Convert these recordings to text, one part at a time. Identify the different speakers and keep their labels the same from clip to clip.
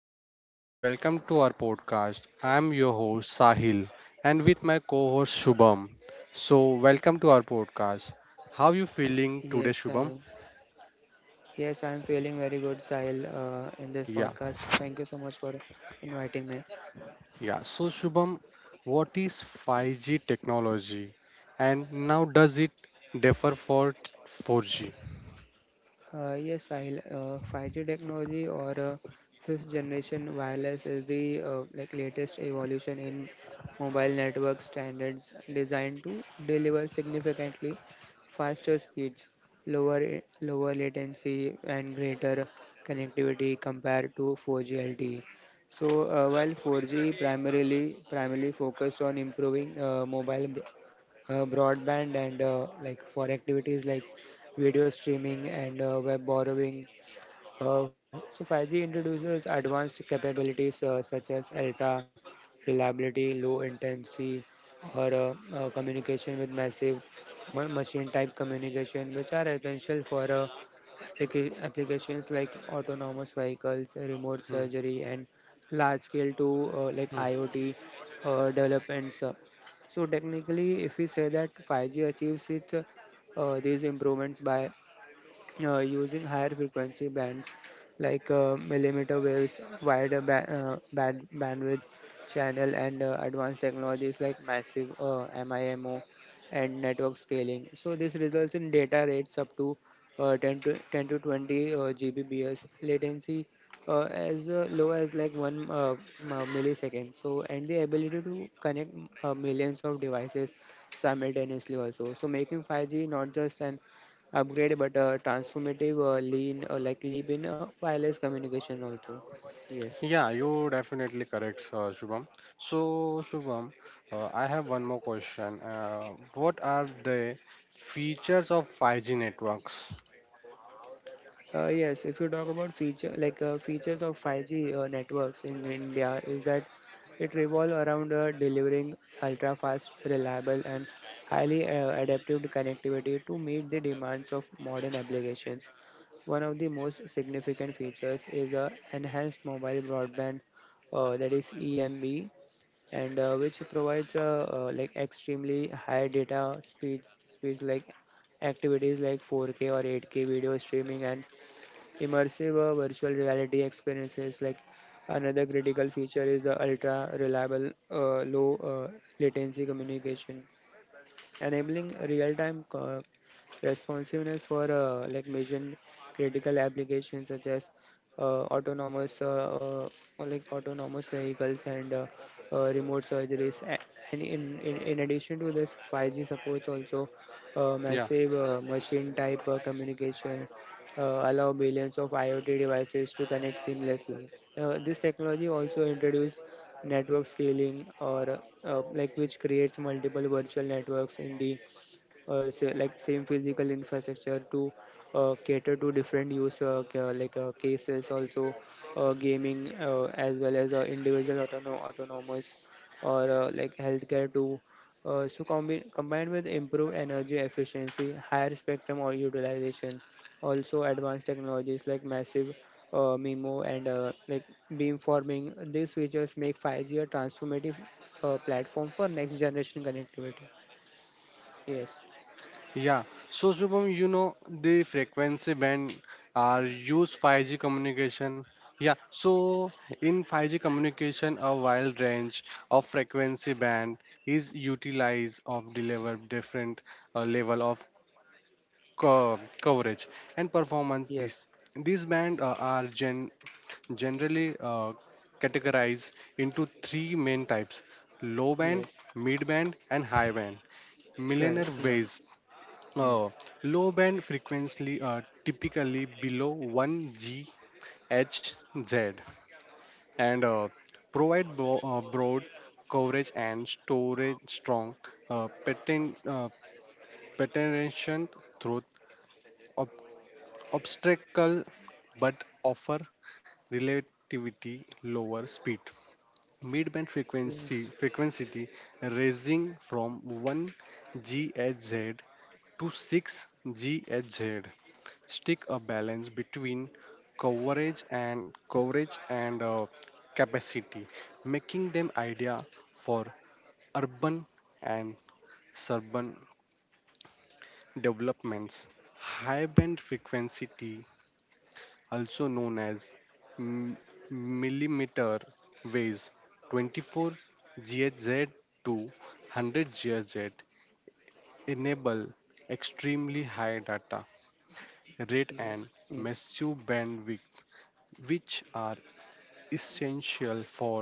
Speaker 1: everyone, welcome to our podcast. I'm your host Sahil and with my co-host Shubham. So, welcome to our podcast. How you feeling
Speaker 2: Yes,
Speaker 1: today,
Speaker 2: Sahil.
Speaker 1: Shubham?
Speaker 2: Yes, I'm feeling very good, Sahil, in this
Speaker 1: Yeah.
Speaker 2: podcast. Thank you so much for inviting me.
Speaker 1: Yeah. So, Shubham, what is 5G technology and now does it differ for 4G?
Speaker 2: Yes, Sahil, 5G technology, or fifth generation wireless, is the latest evolution in mobile network standards designed to deliver significantly faster speeds, lower lower latency, and greater connectivity compared to 4G LTE. So while 4G primarily focused on improving mobile broadband and for activities like video streaming and web borrowing. So 5G introduces advanced capabilities such as ultra reliability, low latency, or communication with massive machine type communication, which are essential for applications like autonomous vehicles, remote
Speaker 1: Hmm.
Speaker 2: surgery, and large scale to
Speaker 1: Hmm.
Speaker 2: IoT developments. So technically, if we say that 5G achieves its these improvements by using higher frequency bands like millimeter waves, wider bandwidth channel, and advanced technologies like massive MIMO and network scaling. So this results in data rates up to 10 to 20 Gbps, latency as low as like one millisecond. So, and the ability to connect millions of devices simultaneously also. So making 5G not just an upgrade but transformative, lean like leap in wireless communication also. Yes.
Speaker 1: Yeah, you definitely correct, Shubham. So, Shubham, I have one more question. What are the features of 5G networks?
Speaker 2: Yes, if you talk about feature, like features of 5G networks in India, is that it revolve around delivering ultra fast, reliable and highly adaptive connectivity to meet the demands of modern applications. One of the most significant features is enhanced mobile broadband, that is EMB, and which provides extremely high data speeds, like activities like 4K or 8K video streaming, and immersive virtual reality experiences. Like, another critical feature is the ultra reliable, low latency communication, enabling real-time responsiveness for mission critical applications such as autonomous or like autonomous vehicles and remote surgeries. And in addition to this, 5G supports also
Speaker 1: Yeah,
Speaker 2: massive machine type communication, allow billions of IoT devices to connect seamlessly. This technology also introduced network scaling, or which creates multiple virtual networks in the say, like same physical infrastructure to cater to different use cases also, gaming as well as individual autonomous, or healthcare too. So combined with improved energy efficiency, higher spectrum or utilization, also advanced technologies like massive MIMO and beamforming, these features make 5G a transformative platform for next generation connectivity. Yes.
Speaker 1: yeah. So, Shubham, you know the frequency band are used 5G communication. Yeah, so in 5G communication, a wide range of frequency band is utilized of deliver different level of coverage and performance. these
Speaker 2: Yes.
Speaker 1: these bands are generally categorized into three main types: low band,
Speaker 2: Yes,
Speaker 1: mid band, and high band
Speaker 2: correct.
Speaker 1: millionaire
Speaker 2: Yeah.
Speaker 1: waves. Uh, low band frequency typically below 1 GHz and provide broad coverage and storage strong patent patentation through obstacle, but offer relativity lower speed. Midband frequency
Speaker 2: Yes.
Speaker 1: frequency raising from 1 GHz to 6 GHz, stick a balance between coverage and capacity, making them idea for urban and suburban developments. High band frequency, also known as m- millimeter waves, 24 GHz to 100 GHz, enable extremely high data rate and
Speaker 2: Yes. Yes.
Speaker 1: massive bandwidth, which are essential for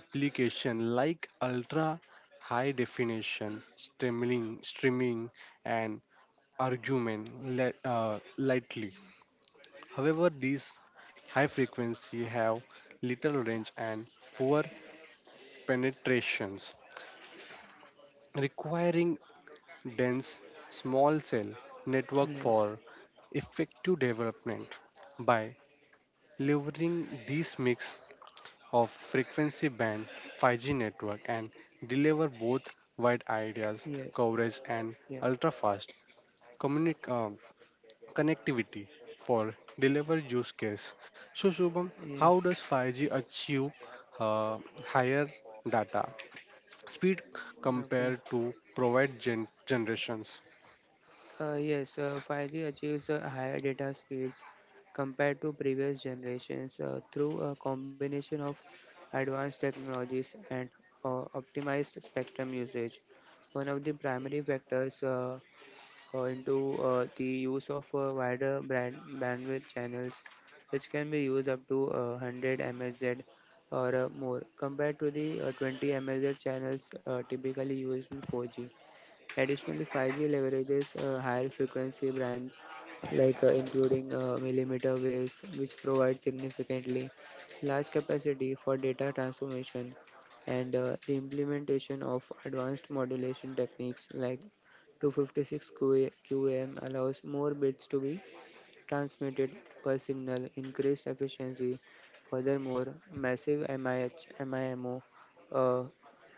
Speaker 1: applications like ultra high definition streaming and argument lightly. However, these high frequency have little range and poor penetrations, requiring dense small cell network
Speaker 2: Yes.
Speaker 1: for effective development. By leveraging this mix of frequency band, 5G network and deliver both wide areas
Speaker 2: Yes.
Speaker 1: coverage and
Speaker 2: Yeah.
Speaker 1: ultra fast connectivity for deliver use case. So Shubham, how
Speaker 2: Yes.
Speaker 1: does 5G achieve uh, higher data speed
Speaker 2: Okay.
Speaker 1: compared to provide generations?
Speaker 2: Yes. 5G achieves higher data speeds compared to previous generations through a combination of advanced technologies and optimized spectrum usage. One of the primary factors into the use of wider brand bandwidth channels, which can be used up to 100 MHz or more, compared to the 20 MHz channels typically used in 4G. Additionally, 5G leverages higher frequency bands, like including millimeter waves, which provide significantly large capacity for data transformation. And the implementation of advanced modulation techniques like 256 QAM allows more bits to be transmitted per signal, increased efficiency. Furthermore, massive MIMO, uh,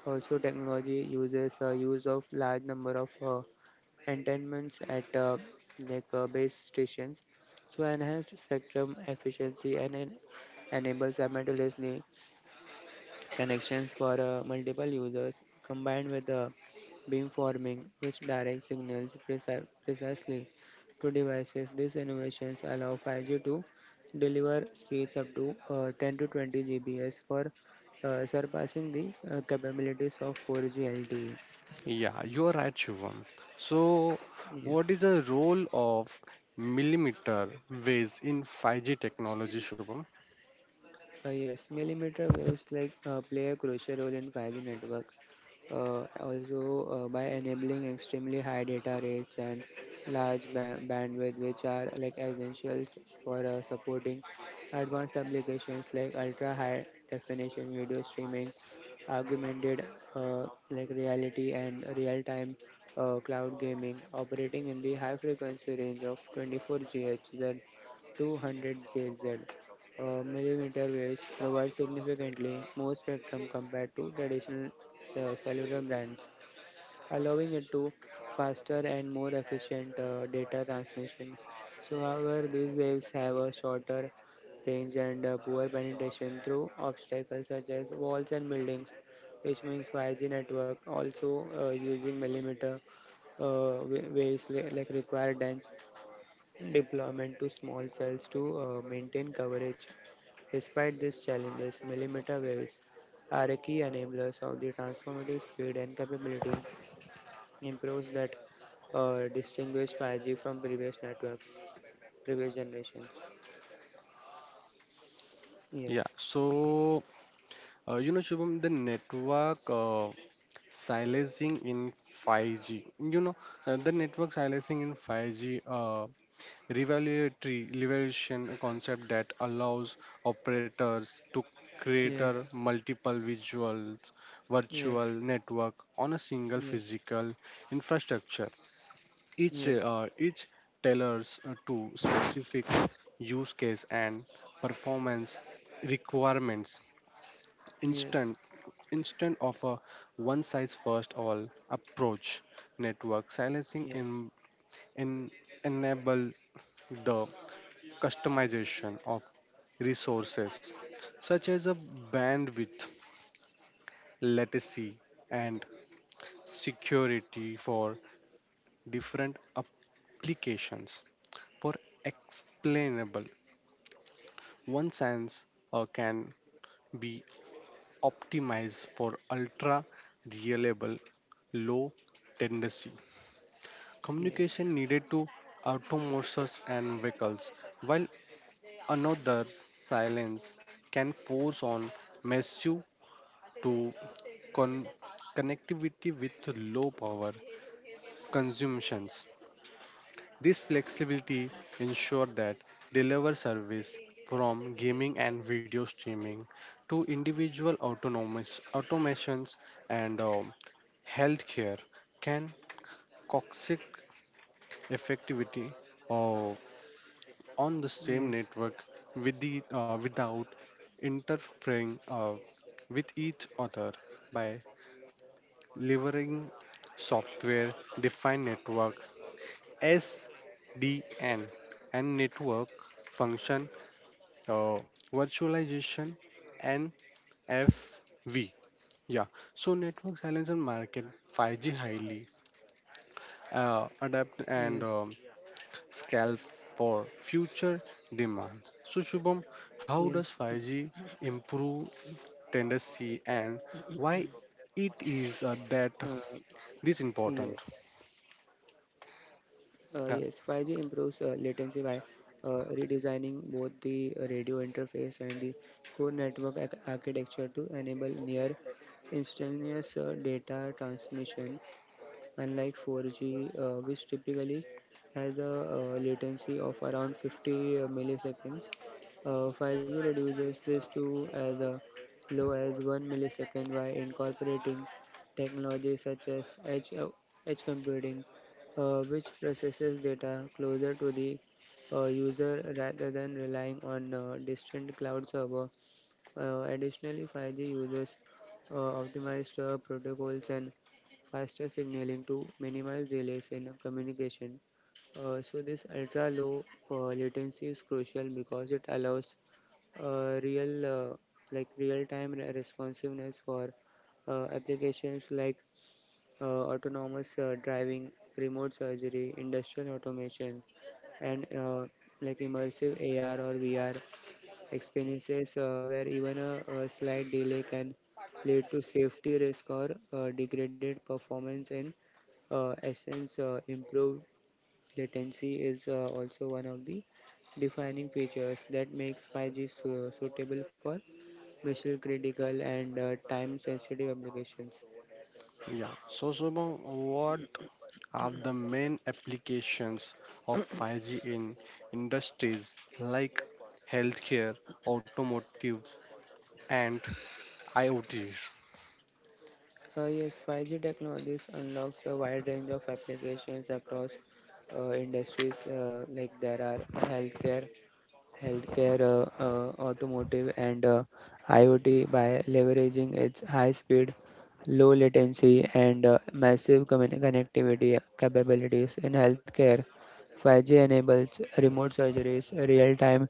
Speaker 2: also technology uses use of large number of antennas at base stations. So enhanced spectrum efficiency and enables simultaneously connections for multiple users, combined with beamforming, which directs signals precisely to devices. These innovations allow 5G to deliver speeds up to 10 to 20 Gbps, for surpassing the capabilities of 4G LTE.
Speaker 1: Yeah, you are right, Shubham. So
Speaker 2: Yeah.
Speaker 1: what is the role of millimeter waves in 5G technology, Shubham?
Speaker 2: Yes, millimeter waves like play a crucial role in 5G networks. Also, by enabling extremely high data rates and large bandwidth, which are like essentials for supporting advanced applications like ultra high definition video streaming, augmented reality and real time cloud gaming. Operating in the high frequency range of 24 GHz, 200 JZ, millimeter waves provide significantly more spectrum compared to traditional cellular bands, allowing it to faster and more efficient data transmission. So, however, these waves have a shorter range and poor penetration through obstacles such as walls and buildings, which means 5G network also using millimeter waves require dense deployment to small cells to maintain coverage. Despite these challenges, millimeter waves are a key enablers of the transformative speed and capability improves that distinguish 5G from previous networks, previous generations.
Speaker 1: Yeah,
Speaker 2: Yes,
Speaker 1: so you know, Shubham, the network. Silencing in 5G. You know, the network silencing in 5G revelatory revolution a concept that allows operators to create a
Speaker 2: yes,
Speaker 1: multiple visuals
Speaker 2: yes,
Speaker 1: virtual network on a single
Speaker 2: yes,
Speaker 1: physical infrastructure. Each
Speaker 2: yes,
Speaker 1: uh, each tailors to specific use case and performance requirements, instant
Speaker 2: yes,
Speaker 1: instant of a one size first all approach. Network silencing
Speaker 2: yes,
Speaker 1: in enable the customization of resources such as a bandwidth, latency, and security for different applications. For explainable, one sense can be optimize for ultra reliable low tendency
Speaker 2: yes,
Speaker 1: communication needed to autonomous and vehicles, while another silence can force on massive to con- connectivity with low power consumptions. This flexibility ensures that deliver service from gaming and video streaming to individual autonomous automations and healthcare can coexist effectivity uh, on the same
Speaker 2: yes,
Speaker 1: network with without interfering with each other by leveraging software defined network SDN and network function uh, virtualization NFV. Yeah, so network silence market 5G highly adapt
Speaker 2: yes,
Speaker 1: and scale for future demands. So Shubham, how
Speaker 2: yes.
Speaker 1: does 5G improve tendency and why it is that
Speaker 2: uh,
Speaker 1: this important?
Speaker 2: yes. Uh, yes, 5G improves
Speaker 1: Yeah,
Speaker 2: latency by redesigning both the radio interface and the core network architecture to enable near instantaneous data transmission. Unlike 4G, which typically has a latency of around 50 milliseconds, 5G reduces this to as low as 1 millisecond by incorporating technology such as edge computing, which processes data closer to the user rather than relying on distant cloud server. Additionally, 5G uses optimized protocols and faster signaling to minimize delays in communication. So this ultra low latency is crucial because it allows uh, real uh, real time responsiveness for applications like autonomous driving, remote surgery, industrial automation, and immersive AR or VR experiences, where even a slight delay can lead to safety risk or degraded performance. In essence, improved latency is also one of the defining features that makes 5G suitable for mission critical and time sensitive applications.
Speaker 1: yeah. So Shubham, what are the main applications of 5G in industries like healthcare, automotive, and IoT.
Speaker 2: Yes, 5G technologies unlocks a wide range of applications across industries like there are healthcare healthcare, automotive, and IoT, by leveraging its high speed, low latency, and massive connectivity capabilities. In healthcare, 5G enables remote surgeries, real time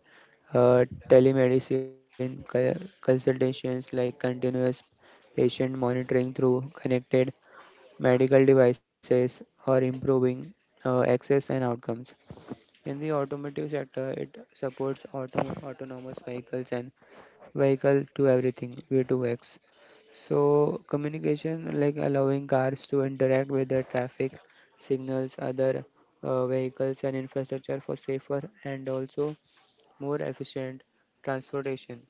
Speaker 2: uh, telemedicine consultations, like continuous patient monitoring through connected medical devices, or improving access and outcomes. In the automotive sector, it supports autonomous vehicles and vehicle to everything, V2X. So, communication like allowing cars to interact with the traffic signals, other vehicles, and infrastructure for safer and also more efficient transportation.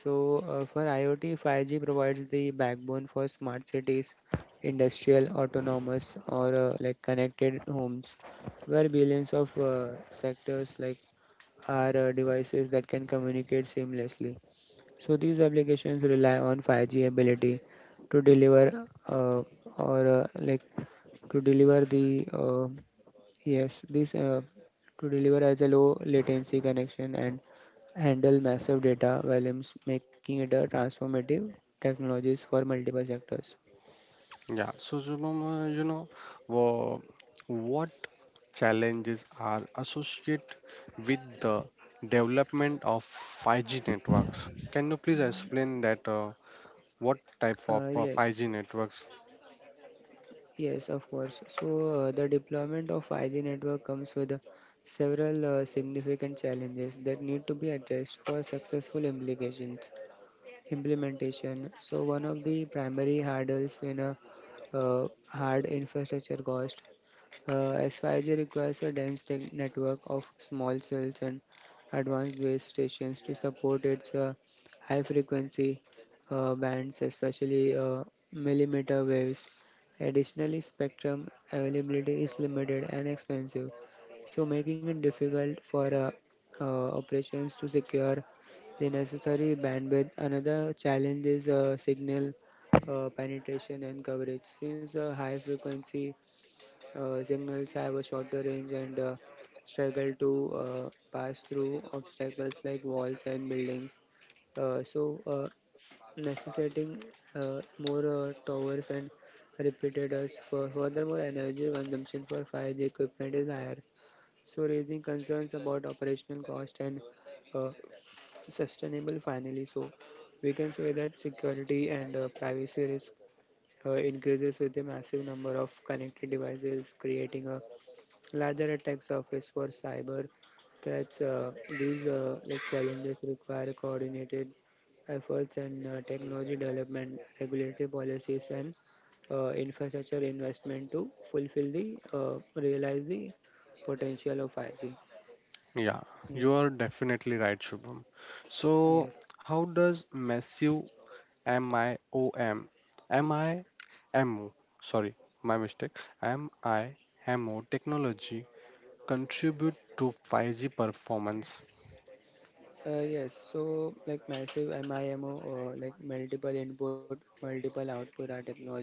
Speaker 2: So, for IoT, 5G provides the backbone for smart cities, industrial, autonomous, or connected homes, where billions of sectors like are devices that can communicate seamlessly. So, these applications rely on 5G ability to deliver or like to deliver the Yes, this to deliver as a low latency connection and handle massive data volumes, making it a transformative technologies for multiple sectors.
Speaker 1: Yeah, so Shubham, you know, wha- what challenges are associated with the development of 5G networks? Can you please explain that what type of
Speaker 2: Uh, yes,
Speaker 1: 5G networks?
Speaker 2: yes, of course. So the deployment of 5G network comes with several significant challenges that need to be addressed for successful implications implementation. So one of the primary hurdles in a hard infrastructure cost. S five g requires a dense network of small cells and advanced base stations to support its high frequency bands, especially millimeter waves. Additionally, spectrum availability is limited and expensive, so making it difficult for operations to secure the necessary bandwidth. Another challenge is signal penetration and coverage, since high frequency jungles have a shorter range and struggle to pass through obstacles like walls and buildings. Uh, so, uh, Necessitating more towers and repeated us for, furthermore, energy consumption for fire the equipment is higher, so raising concerns about operational cost and uh, sustainable. Finally, so we can say that security and privacy risk increases with the massive number of connected devices, creating a larger attack surface for cyber threats. These challenges require coordinated efforts and technology development, regulatory policies, and infrastructure investment to fulfill the realize the potential of 5G.
Speaker 1: Yeah, you
Speaker 2: Yes,
Speaker 1: are definitely right, Shubham. So,
Speaker 2: yes.
Speaker 1: how does massive Am IOM? Am IMO? Sorry, my mistake. Am IMO technology contribute to 5G performance?
Speaker 2: Yes, so like massive MIMO, or like multiple input, multiple output are technology,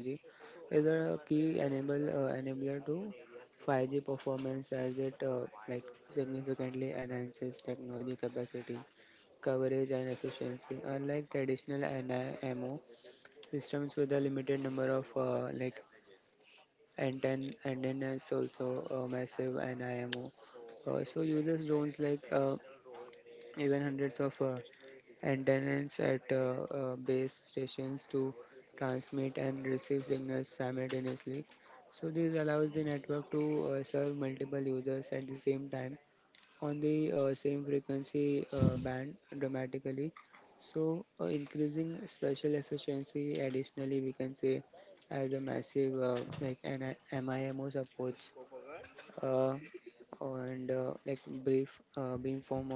Speaker 2: is a key enable enabler to 5G performance, as it significantly enhances technology capacity, coverage and efficiency. Unlike traditional NIMO systems with a limited number of antennas, also massive NIMO so users drones like even hundreds of and tunnels at base stations to transmit and receive signals simultaneously. So this allows the network to serve multiple users at the same time on the same frequency band dramatically. So increasing spatial efficiency, additionally we can say as a massive like an MIMO supports uh, and like brief beamform,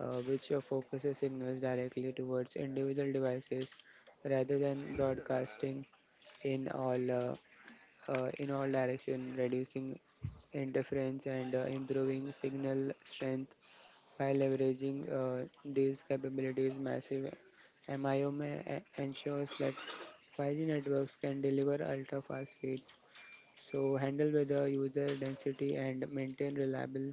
Speaker 2: which focuses signals directly towards individual devices rather than broadcasting in all uh, in all direction, reducing interference and improving signal strength by leveraging these capabilities. Massive MIO ensures that 5G networks can deliver ultra fast speeds, so handle weather user density and maintain reliable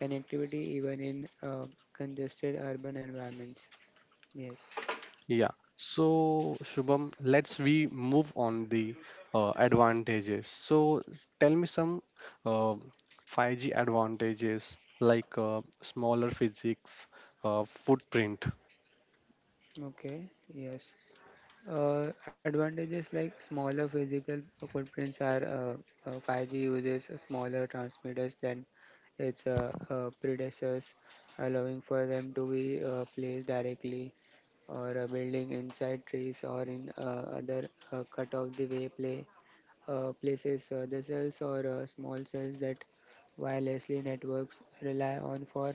Speaker 2: connectivity even in congested urban environments. Yes.
Speaker 1: Yeah. So Shubham, let's we move on the advantages. So tell me some uh, 5G advantages like smaller physics footprint.
Speaker 2: Okay. Yes. Advantages like smaller physical footprints are 5G uses smaller transmitters than its predecessors, allowing for them to be placed directly or building inside trees or in other cut of the way play places, the cells or small cells that wirelessly networks rely on for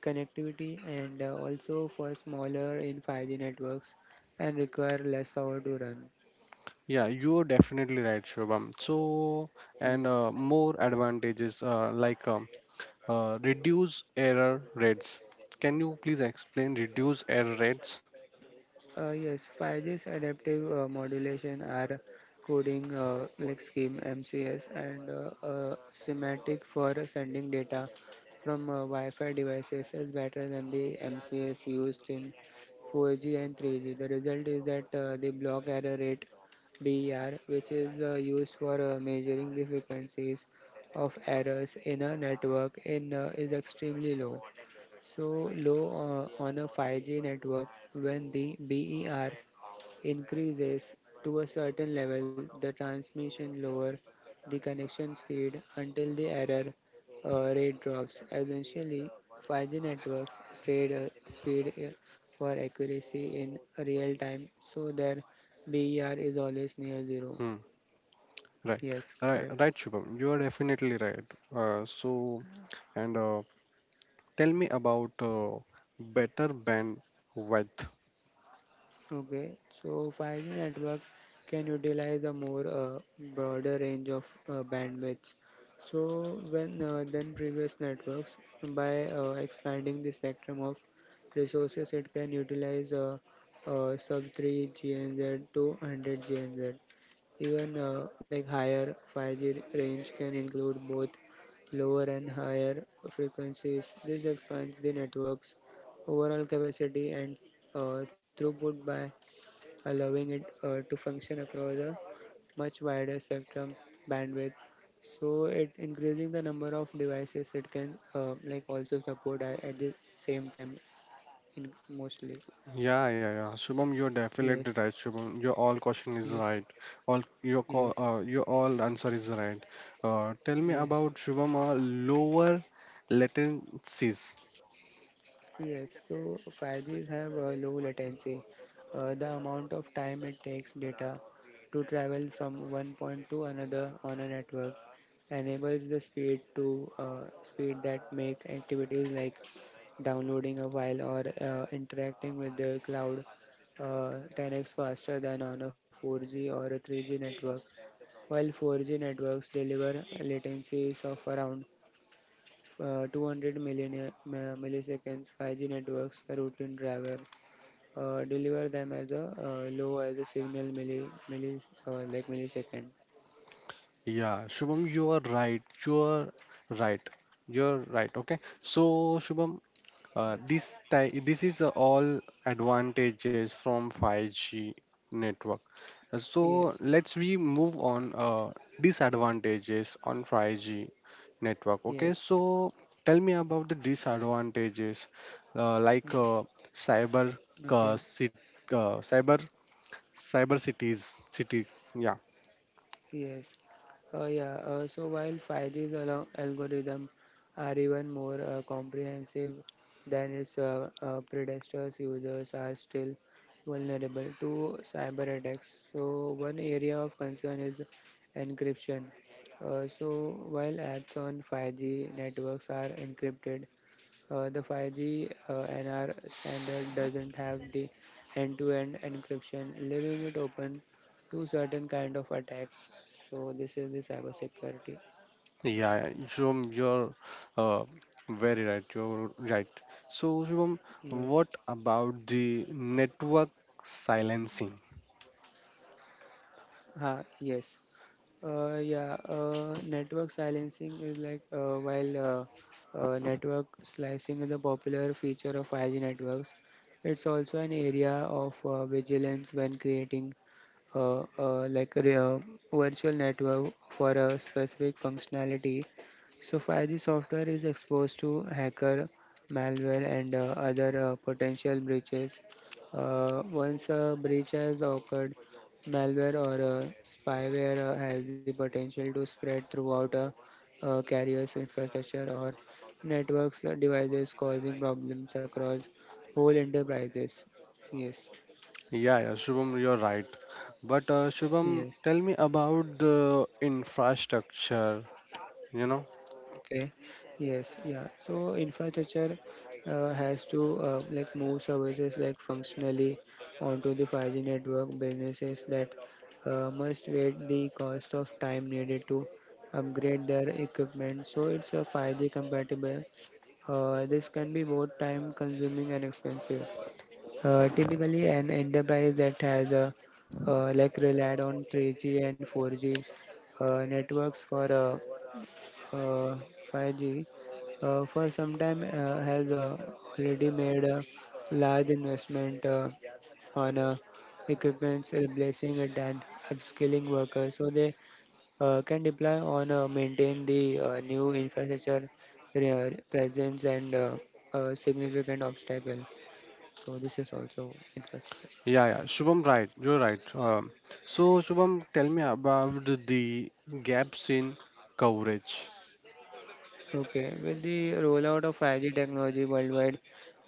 Speaker 2: connectivity, and also for smaller in 5G networks and require less power to run.
Speaker 1: Yeah, you're definitely right, Shubham. So, and
Speaker 2: Yes.
Speaker 1: more advantages like reduce error rates. Can you please explain reduce error rates?
Speaker 2: Yes, 5G's adaptive modulation are coding, like scheme MCS and semantic for sending data from Wi-Fi devices is better than the MCS used in 4G and 3G. The result is that the block error rate, BER, which is used for measuring the frequencies of errors in a network, in is extremely low, so low on a 5G network. When the BER increases to a certain level, the transmission lower the connection speed until the error rate drops. Essentially, 5G networks trade speed for accuracy in real time, so their BER is always near zero.
Speaker 1: Hmm. Right.
Speaker 2: Yes,
Speaker 1: Right.
Speaker 2: correct.
Speaker 1: Right, Shubham. You are definitely right. So, and tell me about better bandwidth.
Speaker 2: Okay, so 5G network can utilize a more broader range of bandwidths. So when than previous networks by expanding the spectrum of resources, it can utilize sub 3 GNZ to 100 GNZ. Even like higher 5G range can include both lower and higher frequencies. This expands the network's overall capacity and throughput by allowing it to function across a much wider spectrum bandwidth. So it increasing the number of devices it can like also support at the same time in mostly.
Speaker 1: Yeah, yeah, yeah. Shubham, you're definitely
Speaker 2: Yes,
Speaker 1: right. Shubham, your all question is
Speaker 2: yes,
Speaker 1: right. All your
Speaker 2: yes,
Speaker 1: your all answer is right. Tell me
Speaker 2: yes,
Speaker 1: about Shubham lower latencies.
Speaker 2: yes. So 5Gs have a low latency. The amount of time it takes data to travel from one point to another on a network enables the speed that make activities like downloading a file or interacting with the cloud 10x faster than on a 4G or a 3G network. While 4G networks deliver latencies of around 200 million, milliseconds, 5G networks routine driver deliver them as a, low as a signal milli, milli like millisecond.
Speaker 1: Yeah, Shubham, you are right. You are right. You're right. Okay. So, Shubham, this this is all advantages from 5G network.
Speaker 2: Yes,
Speaker 1: So let's we move on disadvantages on 5G network. Okay.
Speaker 2: yes.
Speaker 1: So tell me about the disadvantages, uh, like
Speaker 2: Mm,
Speaker 1: uh, cyber uh,
Speaker 2: okay.
Speaker 1: cit- cyber cyber cities city. Yeah.
Speaker 2: Yes. Yeah. So while Faidi's algorithm are even more comprehensive than its predecessors, users are still vulnerable to cyber attacks. So one area of concern is encryption. So while apps on 5G networks are encrypted, the 5G NR standard doesn't have the end-to-end encryption, leaving it open to certain kind of attacks. So this is the cybersecurity.
Speaker 1: Yeah, yeah, Shubham, you're uh, very right. You're right. So, Shubham,
Speaker 2: Yes.
Speaker 1: what about the network silencing?
Speaker 2: Ha, yes. Yeah. Network silencing is like, while network slicing is a popular feature of 5G networks. It's also an area of vigilance when creating like a virtual network for a specific functionality. So 5G software is exposed to hacker, malware, and other potential breaches. Once a breach has occurred, malware or spyware has the potential to spread throughout a carrier's infrastructure or networks devices, causing problems across whole enterprises. Yes,
Speaker 1: Yeah, yeah, Shubham, you're right. But
Speaker 2: yes,
Speaker 1: Shubham, tell me about the infrastructure, you know?
Speaker 2: okay. Yes. Yeah. So infrastructure has to like move services like functionally onto the 5G network. Businesses that must weigh the cost of time needed to upgrade their equipment. So it's a 5G compatible. This can be both time consuming and expensive. Typically, an enterprise that has a like relied on 3G and 4G networks for uh, 5G for some time has already made a large investment on equipments, replacing it and upskilling workers so they can deploy on maintain the new infrastructure presence and a significant obstacle. So this is also infrastructure.
Speaker 1: Yeah, yeah, Shubham, right. You're right. So, Shubham, tell me about the gaps in coverage.
Speaker 2: Okay, with the rollout of 5G technology worldwide,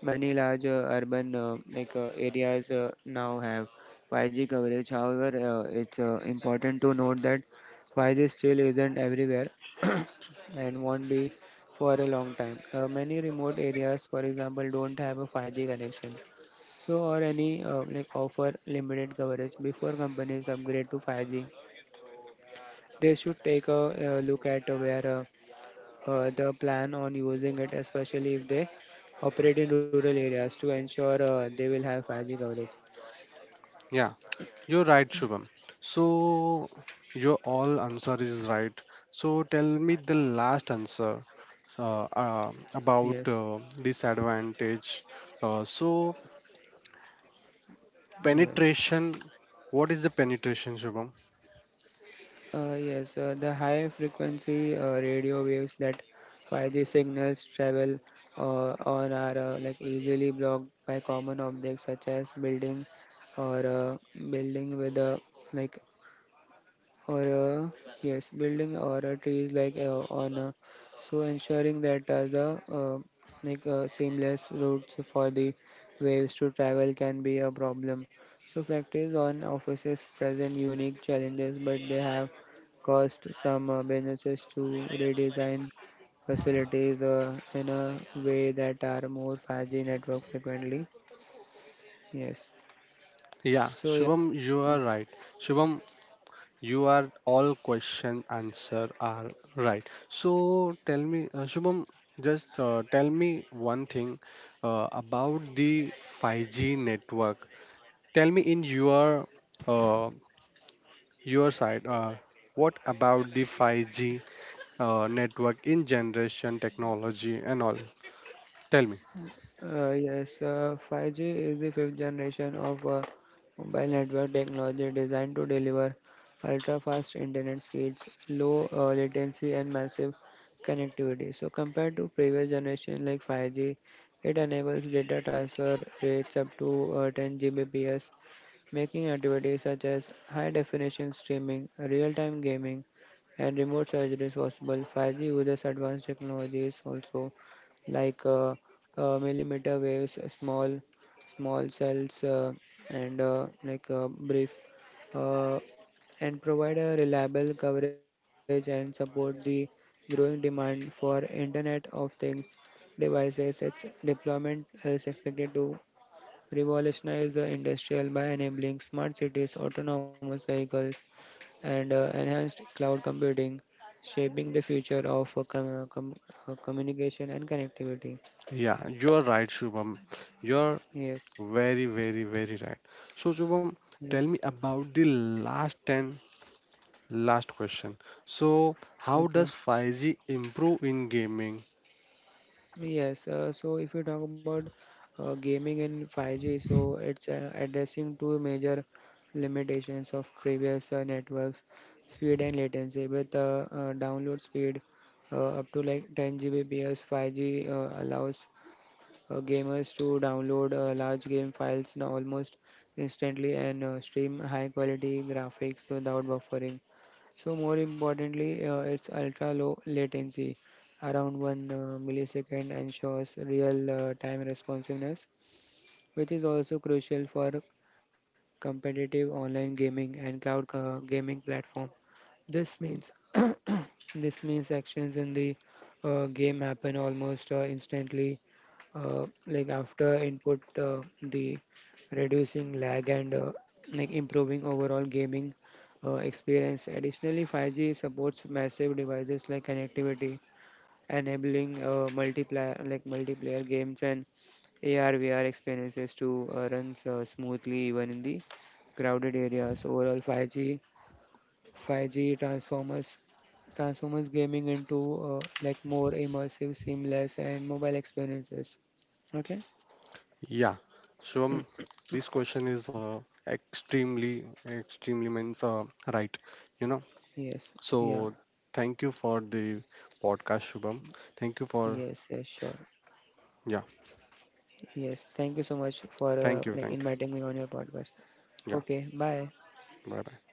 Speaker 2: many large urban areas now have 5G coverage. However, it's important to note that 5G still isn't everywhere and won't be for a long time. Many remote areas, for example, don't have a 5G connection, so or any like offer limited coverage. Before companies upgrade to 5G, they should take a look at where the plan on using it, especially if they operate in rural areas, to ensure they will have 5G coverage.
Speaker 1: Yeah. You're right, Shubham. So your all answer is right. So tell me the last answer about
Speaker 2: Yes,
Speaker 1: disadvantage. So
Speaker 2: yes,
Speaker 1: penetration. What is the penetration, Shubham?
Speaker 2: yes. The high frequency radio waves that 5G signals travel on are like easily blocked by common objects such as building or building with a like or yes building or a trees like on so ensuring that the seamless routes for the waves to travel can be a problem, so factories on offices present unique challenges, but they have caused some businesses to redesign facilities in a way that are more 5G network frequently. Yes.
Speaker 1: Yeah,
Speaker 2: So yeah.
Speaker 1: Shubham, you are right. Shubham, you are all question answer are right. So tell me, Shubham, just tell me one thing about the 5G network. Tell me in uh, your side, what about the 5G network in generation technology and all? Tell me.
Speaker 2: Yes, 5G is the fifth generation of mobile network technology designed to deliver ultra-fast internet speeds, low latency, and massive connectivity. So compared to previous generation like 5G, it enables data transfer rates up to 10 Gbps, making activities such as high definition streaming, real time gaming, and remote surgeries possible. 5G uses advanced technologies also like millimeter waves, small cells, and brief, uh, and provide a reliable coverage and support the growing demand for Internet of Things devices. Its deployment is expected to revolutionize the industrial by enabling smart cities, autonomous vehicles, and enhanced cloud computing, shaping the future of communication and connectivity.
Speaker 1: Yeah, you are right, Shubham. You're
Speaker 2: Yes,
Speaker 1: very, very, very right. So, Shubham, tell me
Speaker 2: yes,
Speaker 1: about the last question. So, how does
Speaker 2: okay.
Speaker 1: 5G improve in gaming?
Speaker 2: Yes, so if you talk about gaming in 5G, so it's addressing two major limitations of previous networks, speed and latency, with download speed up to like 10 Gbps. 5G allows gamers to download large game files now almost instantly and stream high quality graphics without buffering. So more importantly, its ultra low latency, around 1 millisecond, ensures real time responsiveness, which is also crucial for competitive online gaming and cloud gaming platforms. This means This means actions in the game happen almost instantly, like after input, the reducing lag and like improving overall gaming experience. Additionally, 5G supports massive devices like connectivity, enabling multiplayer games and AR VR experiences to run smoothly even in the crowded areas. Overall, 5G transformers transforms gaming into like more immersive, seamless, and mobile experiences. Okay.
Speaker 1: Yeah, Shubham, this question is extremely, extremely means right. You know.
Speaker 2: Yes. Yeah.
Speaker 1: So thank you for the podcast, Shubham. Thank you for
Speaker 2: Yes. Yes. Sure.
Speaker 1: yeah.
Speaker 2: Yes. Thank you so much for
Speaker 1: Thank you.
Speaker 2: like
Speaker 1: Thank
Speaker 2: inviting me on your podcast.
Speaker 1: you. Yeah.
Speaker 2: Okay. Bye.
Speaker 1: Bye bye.